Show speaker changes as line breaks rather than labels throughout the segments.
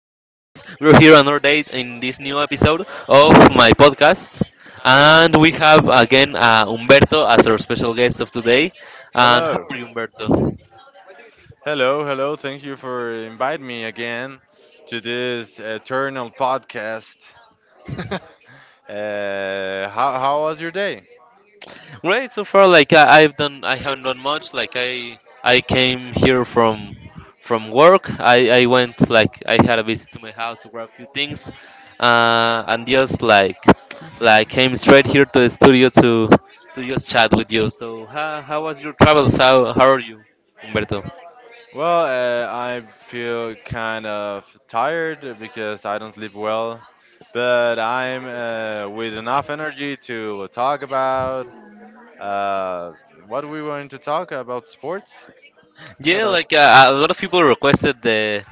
We're here another day in this new episode of my podcast, and we have again Humberto as our special guest of today. And how
Hello.
are you, Humberto?
Hello, hello. Thank you for inviting me again to this eternal podcast. uh, how was your day?
Great so far. I haven't done much. Like I came here from work. I went like I had a visit to my house to grab a few things, and just like came straight here to the studio to just chat with you. So how was your travels? How are you, Humberto?
Well, I feel kind of tired because I don't sleep well, but I'm with enough energy to talk about uh, what we want to talk about sports. Yeah,
Yeah,
that's.
like a lot of people requested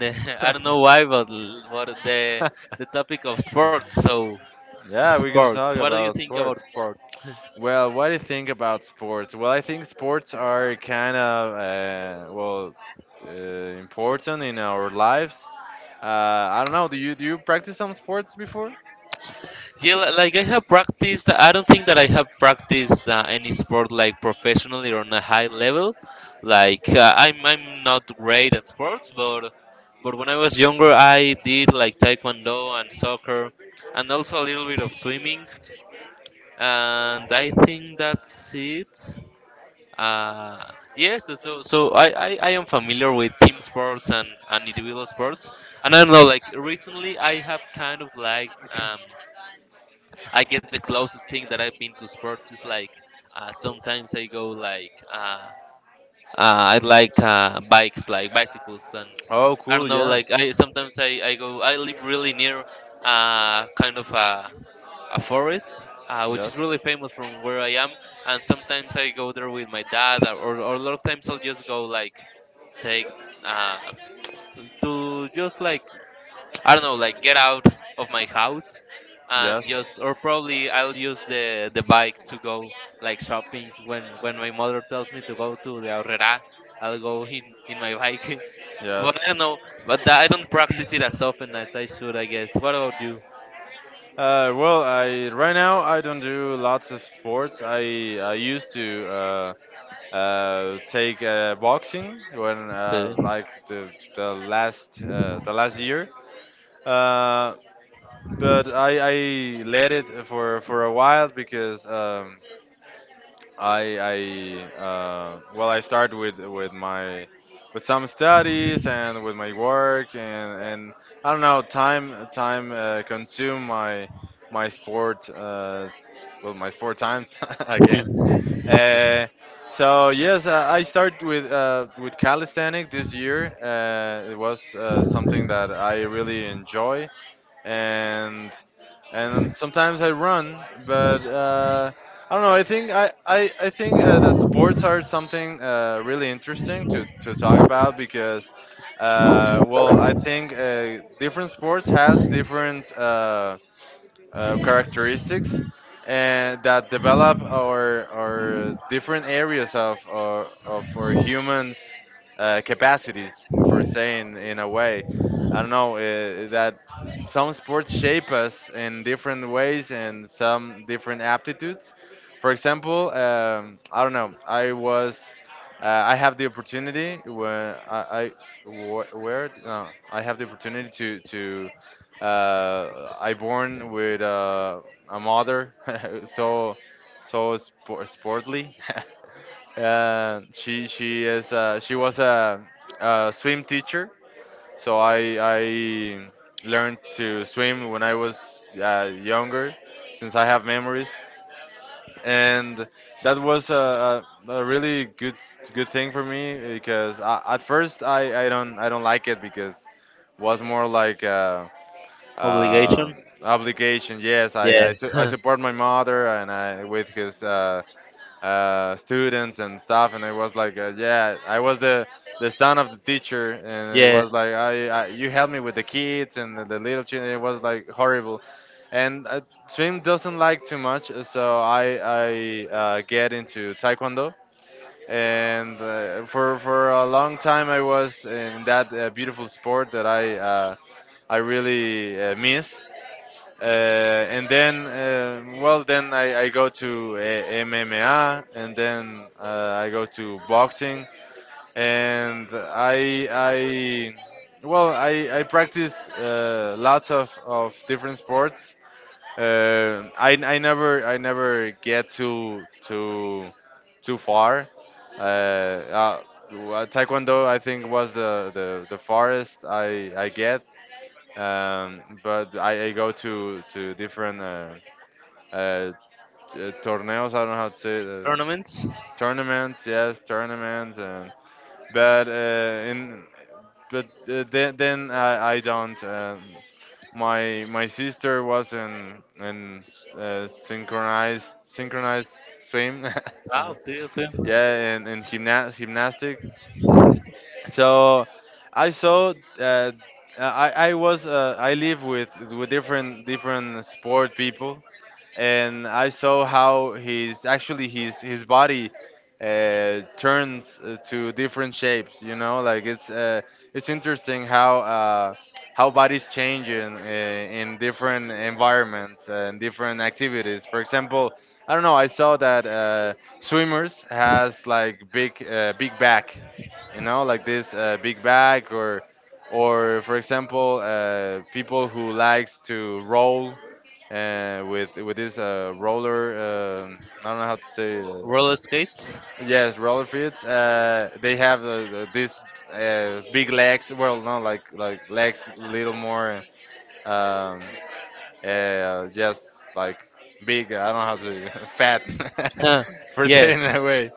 the I don't know why, but the topic of sports. So
Yeah, we can
sports.
talk
What do you
about
think about
sports.
sports?
Well, what do you think about sports? Well, I think sports are kind of uh, important in our lives. I don't know. Do you practice some sports before?
Yeah, like I have practiced. I don't think that I have practiced any sport like professionally or on a high level. Like I'm not great at sports, but when I was younger, I did like taekwondo and soccer, and also a little bit of swimming. And I think that's it. Uh, yes, so I am familiar with team sports and and, individual sports. And I don't know, like recently, I have kind of liked. I guess the closest thing that I've been to sport is like sometimes I go like I like bikes, like bicycles, and
Oh,
I
cool.
don't know,
Yeah.
like I sometimes I go I live really near kind of a forest, which is really famous from where I am, and sometimes I go there with my dad, or a lot of times I'll just go like say uh, to just like I don't know, like get out of my house and just, or probably I'll use the bike to go like shopping when my mother tells me to go to the Aurrera, I'll go in my bike. but I don't know, but I don't practice it as often as I should, I guess. What about you?
Well, I right now I don't do lots of sports. I used to take boxing when
Okay.
like the last year. Uh, but I let it for a while because I well I start with my with some studies and with my work and I don't know time consume my my sport times again.
Hmm.
Uh, so yes, I start with calisthenic this year. It was something that I really enjoy and and sometimes I run, but I don't know. I think that sports are something really interesting to talk about because well I think different sports has different characteristics and that develop our different areas of of our humans capacities for saying in a way. I don't know, that some sports shape us in different ways and some different aptitudes. For example, I don't know, I have the opportunity where I wh- where no, I have the opportunity to I born with a mother so sportly. She is she was a swim teacher, so I learned to swim when I was younger, since I have memories, and that was a really good thing for me because at first I don't like it because was more like. Uh,
Obligation?
obligation. Yes, I
Yeah.
support my mother and I with his students and stuff. And it was like, yeah, I was the son of the teacher, and it
yeah.
was like, I you helped me with the kids and the little children. It was like horrible. And swim doesn't like too much, so I get into taekwondo and for a long time I was in that beautiful sport that I really miss and then I go to MMA and then I go to boxing and I practice lots of different sports. I never get too too far. uh, uh, well, Taekwondo I think was the farthest I get. But I go to different uh, torneos. I don't know how to say it,
Tournaments?
tournaments. Yes, tournaments. And but in but then I don't. My sister was in synchronized swim. Uh,
Ah, okay, okay.
yeah, and in gymnastics. So I saw that I live with with different sport people, and I saw how his actually his body turns to different shapes. You know, like it's interesting how bodies change in different environments and different activities. For example, I don't know. I saw that swimmers has like big back. You know, like this big back or for example people who likes to roll with this roller. I don't know how to say.
Roller skates?
Yes, roller feet. They have these big legs. Well, no, like legs, a little more. Um, just like big. I don't know how to fat
Huh.
for
Yeah.
saying that way.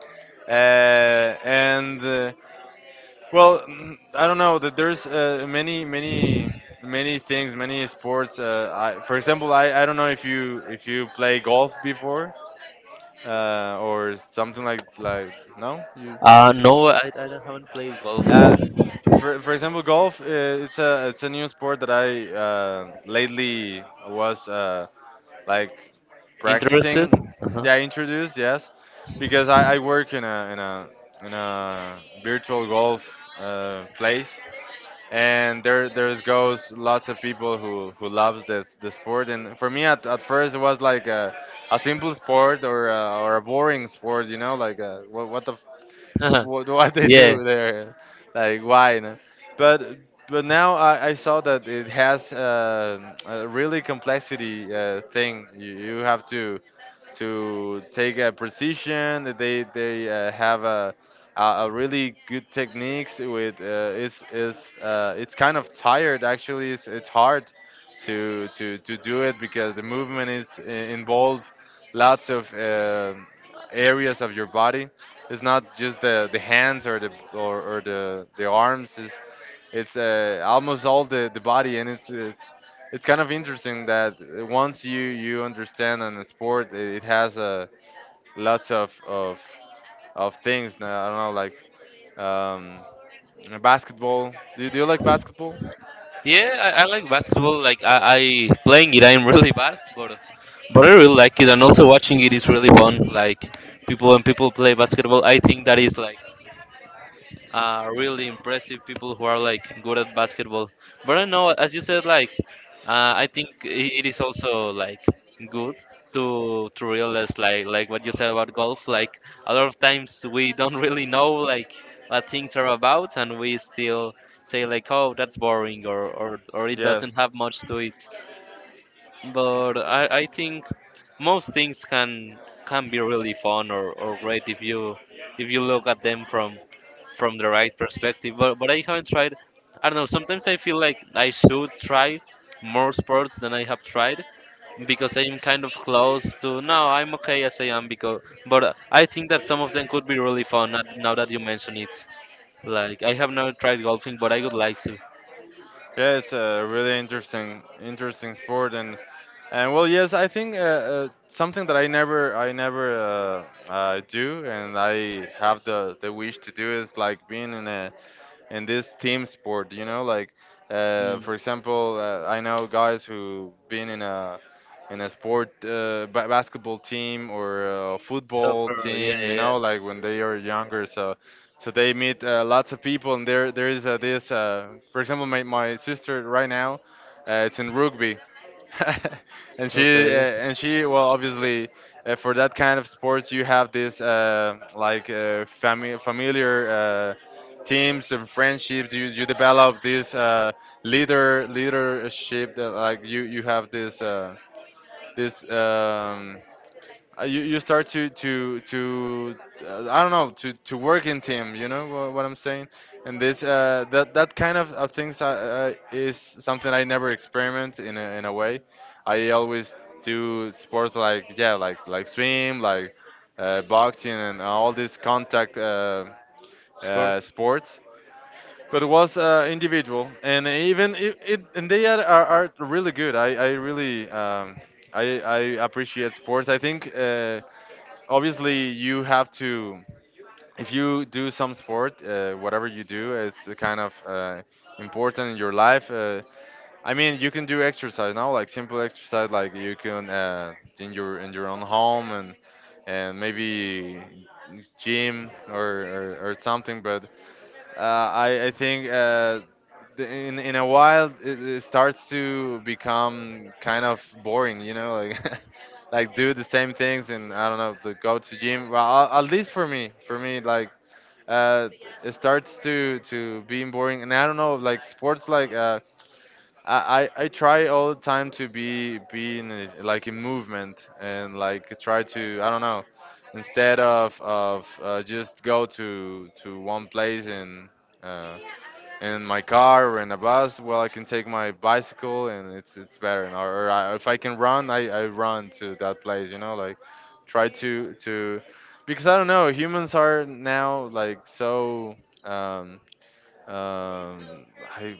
And well, I don't know that there's many things, many sports. For example, I don't know if you play golf before or something like no.
No, I don't- Haven't played golf.
Uh, for example, golf. It's a new sport that I lately was like
Interested?
practicing.
Uh-huh.
Yeah, introduced yes, because I work in a virtual golf place and there goes lots of people who loves this the sport, and for me at first it was like a simple sport or or a boring sport, you know, like uh, what the what they
Yeah,
do there, like why? No? But but now I saw that it has a really complexity thing. You have to take a precision. That they have a really good techniques with it's kind of tired actually. It's hard to do it because the movement is involved lots of areas of your body. It's not just the hands or the the arms. It's almost all the body, and it's it's kind of interesting that once you understand on a sport, it has lots of things. Now, I don't know, like basketball. Do you like basketball?
yeah, I like basketball. Like I Playing it, I'm really bad, but I really like it, and also watching it is really fun. Like people when people play basketball, I think that is like. Really impressive people who are like good at basketball. But I know, as you said, like it is also like good to realize like what you said about golf. Like a lot of times we don't really know like what things are about, and we still say like, oh, that's boring, or or it
Yes.
doesn't have much to it. But I think most things can be really fun or great if you look at them from the right perspective. But I haven't tried. I don't know. Sometimes I feel like I should try more sports than I have tried because I am kind of close to. No, I'm okay as I am because. But I think that some of them could be really fun. Now now that you mention it, like I have never tried golfing, but I would like to.
Yeah, it's a really interesting, interesting sport, and well, yes, I think something that I never do, and I have the wish to do is like being in this team sport. You know, like
Mm.
for example, I know guys who been in a sport basketball team or a football
Soccer, yeah,
team. You
yeah,
know, like when they are younger, so. So they meet lots of people, and there is this. For example, my sister right now, it's in rugby, and
yeah, okay.
she well obviously for that kind of sports you have this familiar teams and friendships. You develop this leadership, that like you have this this um, you start to I don't know, to work in team. You know what I'm saying? And this that that kind of things is something I never experiment in in a way. I always do sports, like yeah, like swim, like boxing, and all these contact
Sports.
sports. But it was individual, and even it and they are really good. I really I appreciate sports. I think. Obviously you have to. If you do some sport whatever you do, it's a kind of important in your life. I mean, you can do exercise now, like simple exercise. Like you can in your own home, and maybe gym, or something. But I think in a while it starts to become kind of boring, you know, like like do the same things and I don't know, to go to gym. Well, at least for me, like uh, it starts to being boring, and I don't know, like sports, like I I try all the time to be in a, like in movement, and like try to, I don't know, instead of just go to one place and. Uh, in my car or in a bus, well, I can take my bicycle and it's better. And or if I can run, I run to that place. You know, like try to, because I don't know. Humans are now like so. Um, um, I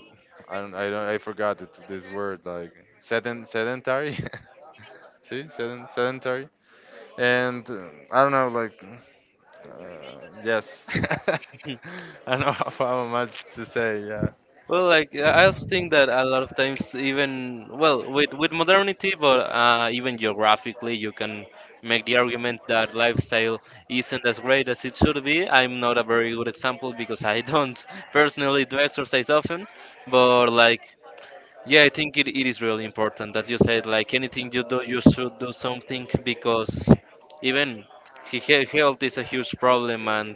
I don't I forgot the, this word, like sedentary. Sedentary, and I don't know, like, yes, I don't know how much to say. Yeah.
Well, like I also think that a lot of times, even well, with modernity, but even geographically, you can make the argument that lifestyle isn't as great as it should be. I'm not a very good example because I don't personally do exercise often, but like yeah, I think it is really important. As you said, like anything you do, you should do something because even health is a huge problem, and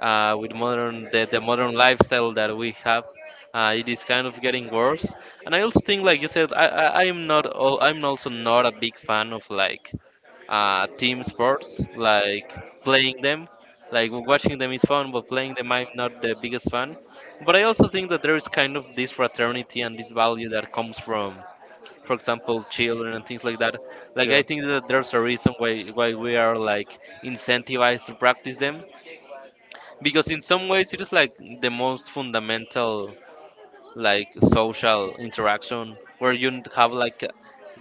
uh, the modern lifestyle that we have, it is kind of getting worse. And I also think, like you said, I'm also not a big fan of like team sports, like playing them. Like watching them is fun, but playing them I'm not the biggest fan. But I also think that there is kind of this fraternity and this value that comes from, for example, children and things like that. Like I think that there's a reason why we are like incentivized to practice them because in some ways it is like the most fundamental like social interaction where you have like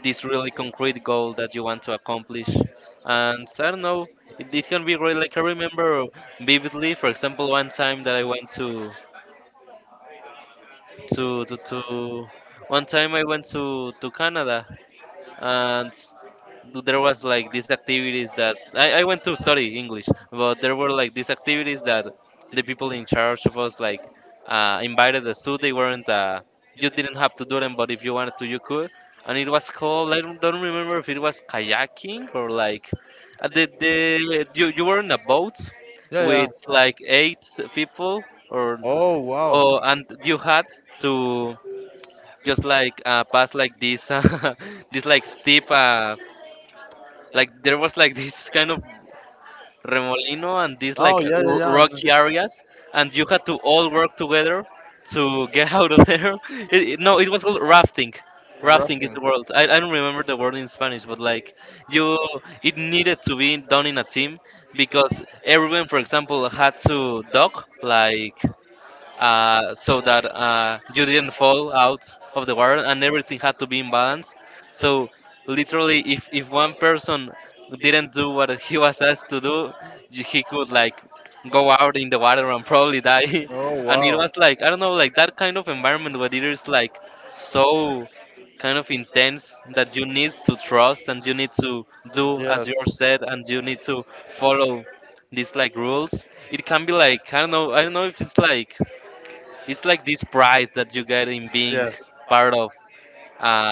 this really concrete goal that you want to accomplish. And I don't know, it can be great. Like I remember vividly, for example, one time that I went to one time I went to Canada, and there was like these activities that I went to study English, but there were like these activities that the people in charge of us like invited us to. They weren't you didn't have to do them, but if you wanted to, you could. And it was called I don't remember if it was kayaking or like uh, the you you were in a boat
Yeah.
with like eight people or
Oh.
oh and you had to just like pass like this this like steep like there was like this kind of remolino and these
Oh
like
yeah, yeah, yeah. And
rocky areas and you had to all work together to get out of there. it- no it was called rafting. Rafting is
rafting.
the word. I don't remember the word in Spanish but like you it needed to be done in a team because everyone for example had to dock like so that you didn't fall out of the water and everything had to be in balance. So literally, if one person didn't do what he was asked to do, he could like go out in the water and
Oh.
probably die.
And it,
And it
wow.
was like I don't know, like that kind of environment where it is like so kind of intense that you need to trust and you need to do as you're said and you need to follow these like rules. It can be like I don't know, I don't know if it's like it's like this pride that you get in being
Yes,
part of.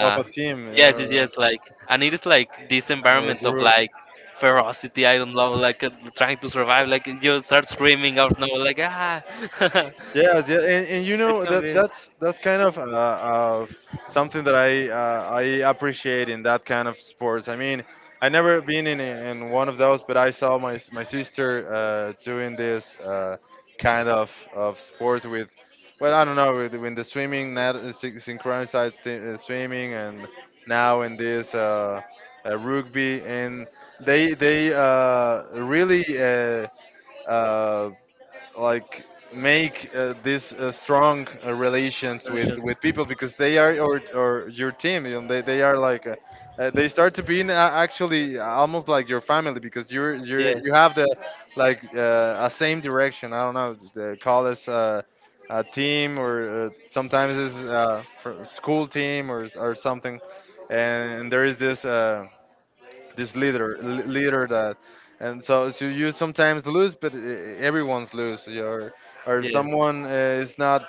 of a team
yes, yes. Like, and it is like this
or a
environment of
group.
like ferocity. I don't know, like trying to survive. Like you start screaming out now, like ah.
Yeah, yeah, and you
It
know
can
that
be.
that's kind of something that I appreciate in that kind of sports. I mean, I never been in one of those, but I saw my sister doing this kind of sports with, I don't know, with the swimming, synchronized swimming, and now in this rugby, and they really. Uh, like make these strong relations with people because they are or your team, you know, they are like they start to be actually almost like your family because you're
Yeah,
you have the a same direction. I don't know, the call us a team, or sometimes it's school team or something, and there is this leader that. And so you sometimes lose but everyone's lose. You're, or if
yeah,
someone is not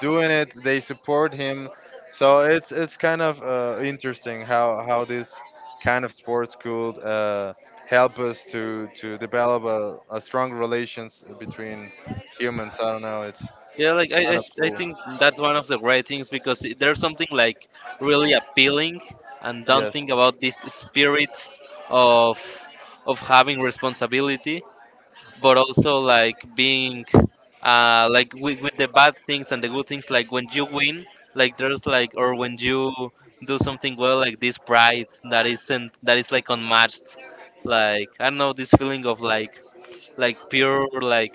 doing it, they support him. So it's kind of interesting how this kind of sports could help us to develop a strong relations between humans. I don't know, it's
yeah. Like
kind of
I
cool.
think that's one of the great things because there's something like really appealing and
Yes,
daunting about this spirit of of having responsibility but also like being like with the bad things and the good things like when you win like there's like or when you do something well like this pride that isn't that is like unmatched like I don't know this feeling of like pure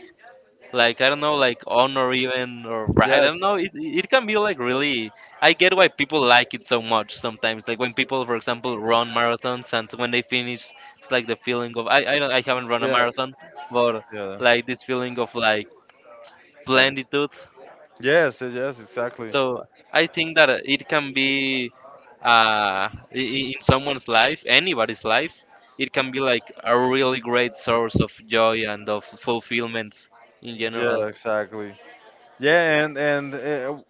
like I don't know, like honor even or pride. I don't
yes.
know. It can be like really. I get why people like it so much sometimes. Like when people, for example, run marathons and when they finish, it's like the feeling of don't, I haven't run a
Yes.
marathon, but
Yeah.
like this feeling of like
Right.
plenitude.
Yes. Yes. Exactly.
So I think that it can be in someone's life, anybody's life. It can be like a really great source of joy and of fulfillment in
Yeah.
general.
Exactly. Yeah. And and uh,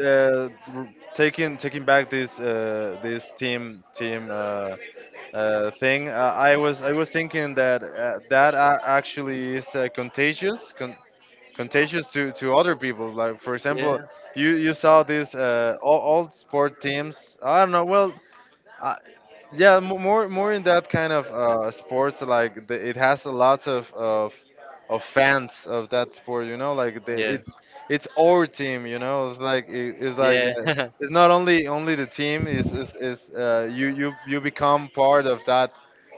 uh, r- taking back this this team thing, I was thinking that actually is contagious. Contagious to other people, like for
Yeah,
example, you saw this all sport teams. I don't know, well, i. Yeah, more in that kind of sports. Like the, it has a lot of fans of that sport. You know, like the,
yeah.
it's our team. You know, it's like it, it's like
Yeah.
uh,
yeah,
it's not only the team. Is you become part of that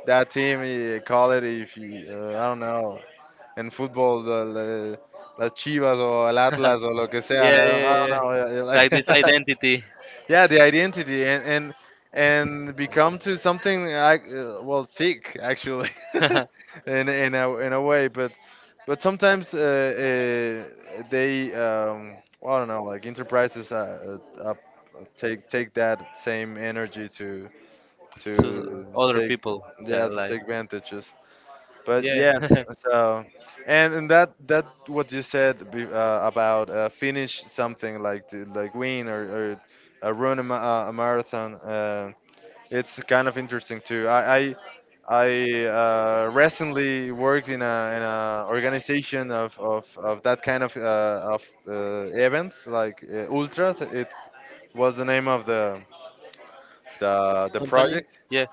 that team. You call it if you I don't know, in football, the las Chivas or el Atlas or lo que sea.
yeah,
I don't,
yeah,
I don't
yeah.
know. Yeah, yeah,
Like this
like.
identity.
yeah, the identity and become to something I, well, sick actually, in a way. But sometimes they um, well, I don't know, like enterprises take that same energy
To
to
other
take,
people. Yeah,
yeah, to
like
take advantages. But
yeah,
yes, so and that that what you said about finish something, like to, like win, or run a, a marathon, it's kind of interesting too. I recently worked in a organization of that kind of events, like ultras. It was the name of the the
company.
project.
Yeah,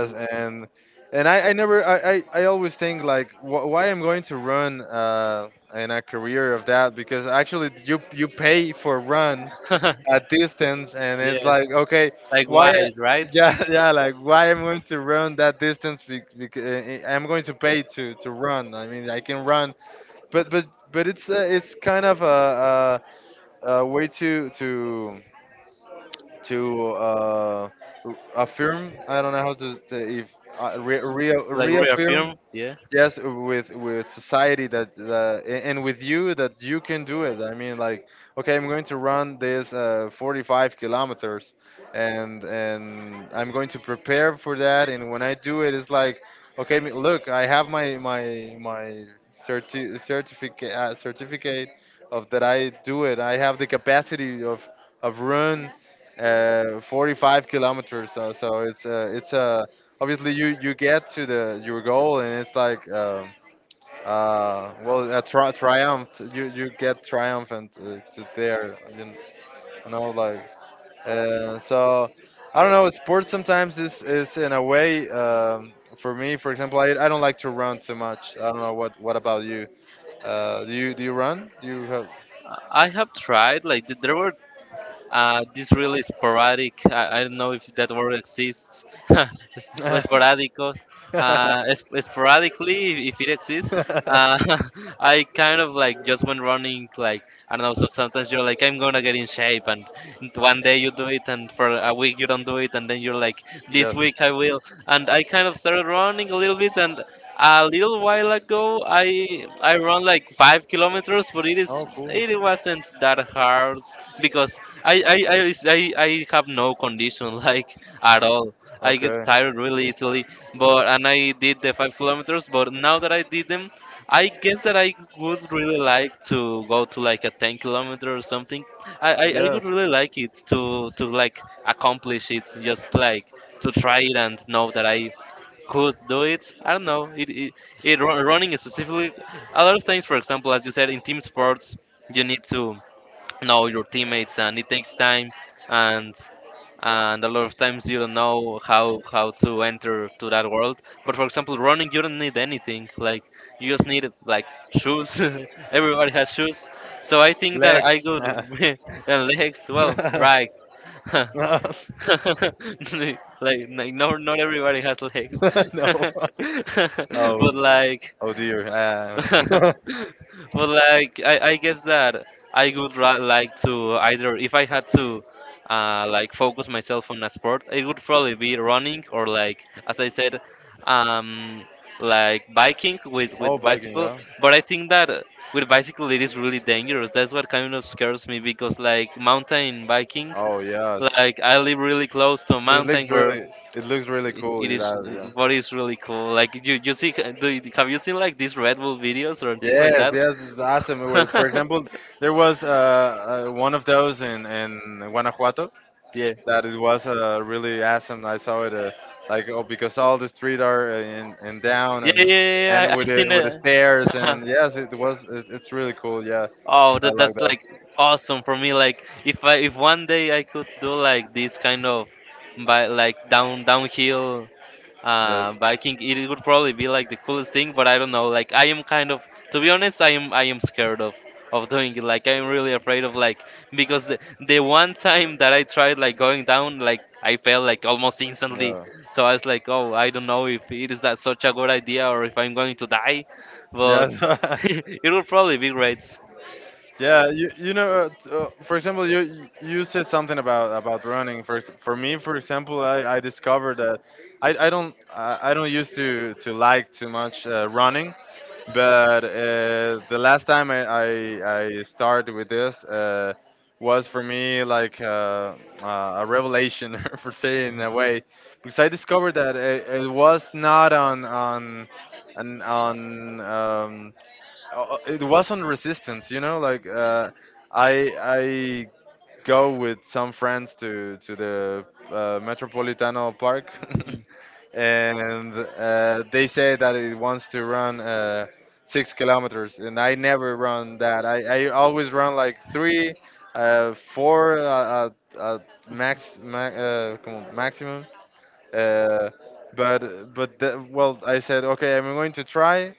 and I never I, I always think like wh- why I'm going to run in a career of that, because actually you pay for run at distance, and it's
yeah.
like okay.
Like
Why?
why, right?
Yeah. yeah, like, why I'm going to run that distance because I'm going to pay to run? I mean, I can run, but it's kind of a way to affirm. I don't know how to, if
Like
reaffirm,
reaffirm. Yeah.
yes, with society that and with you, that you can do it. I mean, like, okay, I'm going to run this 45 kilometers, and I'm going to prepare for that, and when I do it, it's like, okay, look, I have my my my certificate of that I do it. I have the capacity of run 45 kilometers. So it's a, obviously you get to the your goal, and it's like well, a triumph. You get triumphant to there, you know, like so I don't know, sports sometimes is in a way for me, for example, I don't like to run too much. I don't know what about you? Do you do you run, do you
I have tried. Like there were uh, this really sporadic. I don't know if that word exists. Es- sporadicos.
have?
Sporadically, if it exists, uh, I kind of like just went running. Like I don't know. So sometimes you're like, I'm gonna get in shape, and one day you do it, and for a week you don't do it, and then you're like, this week I will. And I kind of started running a little bit, and a little while ago I run like 5 km but it is it wasn't that hard because I I I is- I I have no condition like at all. I get tired really easily, but and I did the 5 km. But now that I did them, I guess that I would really like to go to like a 10 km or something. I would really like it to like accomplish it, just like to try it and know that I could do it. I don't know. It running specifically. A lot of times, for example, as you said, in team sports, you need to know your teammates, and it takes time, and and a lot of times you don't know how to enter to that world. But for example, running, you don't need anything. Like you just need like shoes. Everybody has shoes, so I think that I
Legs.
could
no.
and legs. Well, right. like like no, not everybody has legs,
no.
but
Oh.
like
Oh dear.
Well, I guess that I would like to, either if I had to like focus myself on a sport, it would probably be running or like, as I said, um, like biking with
Oh, biking.
bicycle.
Yeah.
But I think that with bicycle it is really dangerous. That's what kind of scares me because like mountain biking,
Oh yes.
like I live really close to a
But it
mountain
looks
where
really. It looks really cool.
it
It
is,
does. Yeah.
what is really cool, like you see, have you seen like these Red Bull videos or things like
Yes, yes, it's awesome. Well, for
that?
example, there was one of those in Guanajuato,
Yeah,
that it was really awesome. I saw it like oh, because all the street are in down,
yeah, yeah, yeah. yeah,
and
I, I've seen
with the
it.
stairs, and yes, it was it, it's really cool. Yeah,
Oh,
I
that,
like
that's
that.
like awesome for me. Like, if I, if 1 day I could do like this kind of, by like downhill, uh,
Yes.
but I think it would probably be like the coolest thing, but I don't know. Like I am kind of, to be honest, I am scared of doing it. Like I'm really afraid of, like, because the one time that I tried like going down, like I fell like almost instantly. So I was like, oh, I don't know if it is that such a good idea, or if I'm going to die, but it would probably be great.
Yeah, you know, for example, you said something about running. For for me, for example, I discovered that I don't used to like too much running, but the last time I started with this was for me like a revelation, for saying in a way, because I discovered that it was not on on it wasn't resistance, you know, like I I go with some friends to the metropolitano park, and they say that it wants to run 6 kilometers, and I never run that. I always run like three four uh, uh, max, come on, maximum uh, but the, well, I said okay, I'm going to try.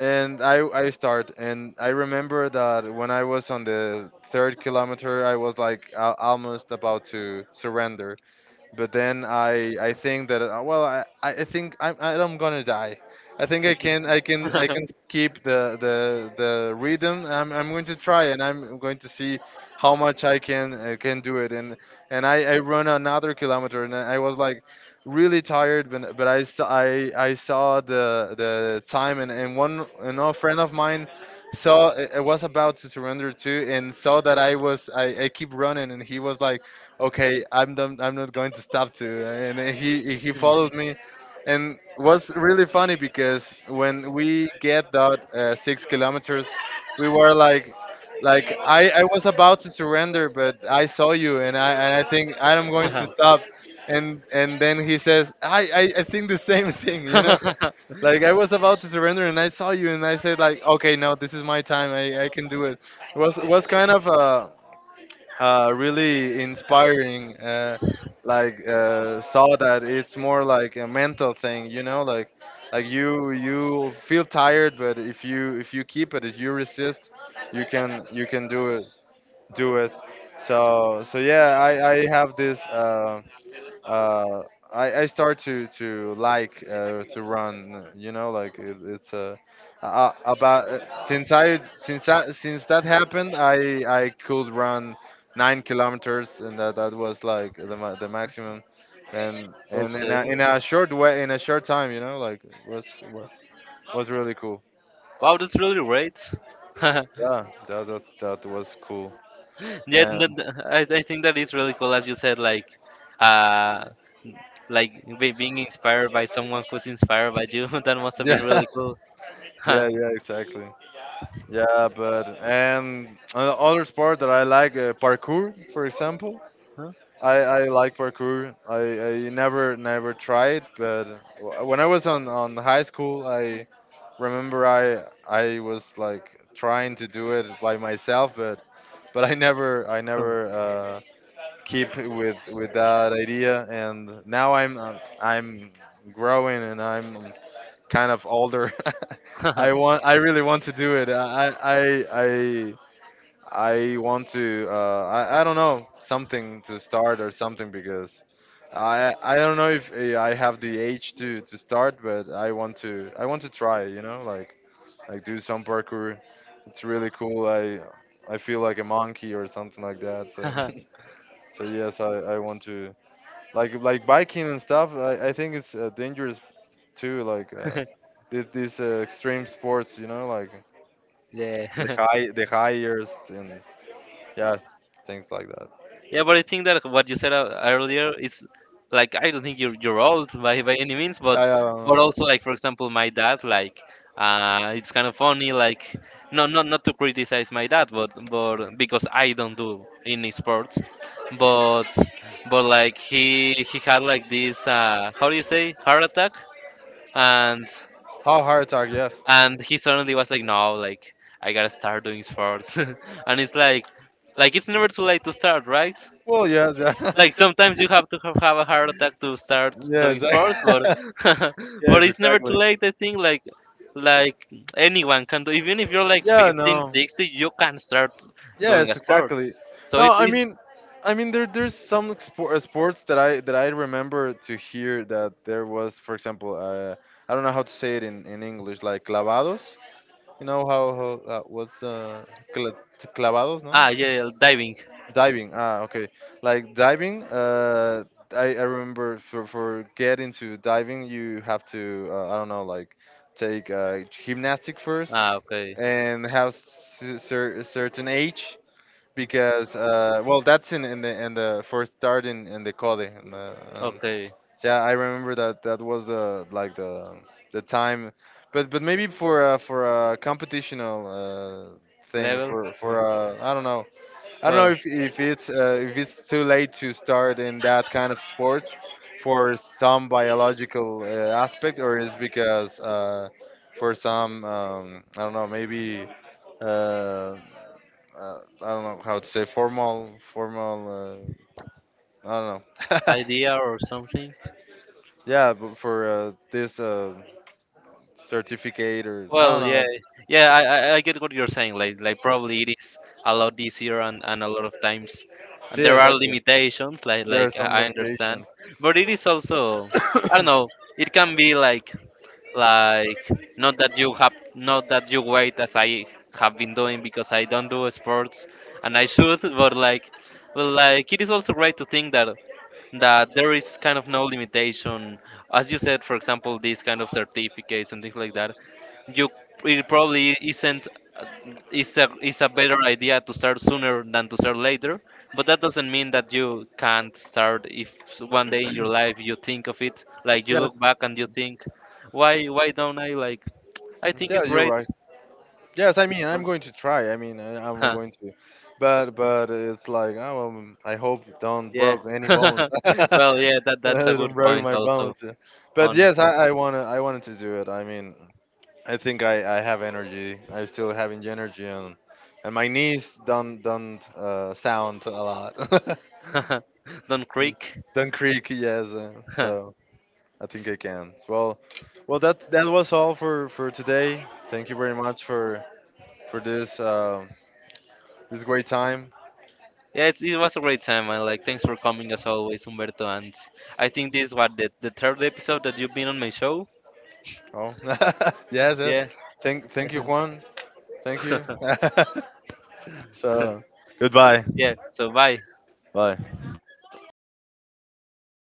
And I start, and I remember that when I was on the third kilometer, I was like almost about to surrender. But then I think that well, I think I'm gonna die. I think I can I can I can keep the rhythm. I'm going to try, and I'm going to see how much I can do it. And I run another kilometer, and I was like really tired, but I saw the time, and one an old friend of mine saw it, was about to surrender too, and saw that I was I keep running, and he was like, okay, I'm done, I'm not going to stop to. And he followed me, and was really funny because when we get that 6 kilometers, we were like I was about to surrender, but I saw you, and I think I'm going
Uh-huh.
to stop. And then he says, I think the same thing, you know? Like, I was about to surrender, and I saw you, and I said, like, okay, no, this is my time. I can do it. It was kind of a, really inspiring. Like saw that it's more like a mental thing, you know, like you feel tired, but if you keep it, if you resist, you can do it do it. So so yeah, I have this. Uh, I start to like to run. You know, like it, it's about since I since that happened, I could run 9 kilometers, and that that was like the the maximum, and
Okay.
in a short way, in a short time, you know, like it was wa- was really cool.
Wow, that's really great. Yeah,
Yeah, that that, that was cool.
th-
And
th- I think that is really cool, as you said, uh, like being inspired by someone who's inspired by you. That must have
yeah,
been really cool.
yeah, yeah, exactly. Yeah, but and another sport that I like, parkour, for example. I like parkour. I, I never tried, but when I was on high school, I remember I was like trying to do it by myself, but I never I never
Huh.
uh, keep with that idea. And now I'm growing, and I'm kind of older.
Huh?
I want I really want to do it. I want to. I don't know, something to start or something, because I don't know if I have the age to start, but I want to. I want to try. You know, like do some parkour. It's really cool. I feel like a monkey or something like that. So so yes, I want to, like biking and stuff. I think it's dangerous too. Like. These extreme sports, you know, like
Yeah,
the high years, and yeah, things like.
yeah, but I think that what you said earlier is, like, I don't think you're old by any means,
Yeah, yeah.
but also, like, for example, my dad, like, it's kind of funny, like, no, not to criticize my dad, but because I don't do any sports, but but like he had like this, uh, how do you say, heart attack, and
How heart attack? Yes, and
and he
suddenly
suddenly
was
was
like,
like, no,
oh, like,
like, I gotta start doing sports and it's like it's never too late to start, right?
well, yes, yeah. like
Like
sometimes
sometimes you have to have, a heart attack to start
you
doing
have a heart attack,
sports,
you
but
start. Yeah, exactly. yes,
but
like
it's never too
exactly.
late. I think, like
Anyone
anyone
can,
can do.
even
Even
if
if
you're
you're
like,
like
yeah,
15,
no, 60,
60,
you
you
can
can
start.
start doing a
Yes,
sport.
exactly. So,
So
no,
it's it,
I mean there there's some sport, sports that I remember to hear that there was, for example, I don't know how to say it in English, like clavados. You know how, how what's the cla- clavados, no?
ah, yeah, yeah, diving.
Diving. Diving. Ah, okay. Like diving. I remember for get into diving, you have to I don't know, like take gymnastic first,
Ah, okay,
okay, and have a certain age, because well, that's in the first start in the code, in the,
okay.
yeah, I remember that that was the like the time, but maybe for a competitional thing
Level. Uh,
for I don't know. I don't know
well,
if it's too late to start in that kind of sports for some biological aspect, or is because for some I don't know, maybe uh, I don't know how to say formal, formal uh, I don't know.
idea or something.
Yeah, but for this certificate, or I don't
Well, yeah,
know.
yeah, I get what you're saying. Like probably it is a lot easier, and a lot of times, and there
Yes,
are
actually,
limitations.
there are
Like I
some
I understand,
limitations.
but it is also, I don't know, it can be like, not that you have, not that you wait as I have been doing because I don't do sports and I should, but like, well, like it is also great to think that there is kind of no limitation, as you said, for example, these kind of certificates and things like that, you, it probably isn't, is a, is a better idea to start sooner than to start later, but that doesn't mean that you can't start if, 1 day in your life you think of it, like you
yes.
look back and you think, why don't I, like, I think
Yeah,
it's
you're
great.
right. Yes, I mean, I'm going to try. I mean I, I'm
Huh,
going to, but it's like oh, I hope you don't
yeah.
broke any bones. I
Well, yeah, that that's a
don't
good
broke
point
my
also
bones. But
on
yes, I wanna I wanted to do it. I mean I think I have energy. I'm still having energy, and my knees don't don't sound a lot,
it. Don't creak.
don't creak. Yes,
Huh.
so I think I can. Well, well, that that was all for today. Thank you very much for this this great time.
Yeah, it's, it was a great time, and like, thanks for coming as always, Humberto, and I think this was the third episode that you've been on my show.
Oh, yes, yes.
Yeah,
Thank you, Juan. Thank you. so goodbye.
yeah. So bye.
Bye.
See you.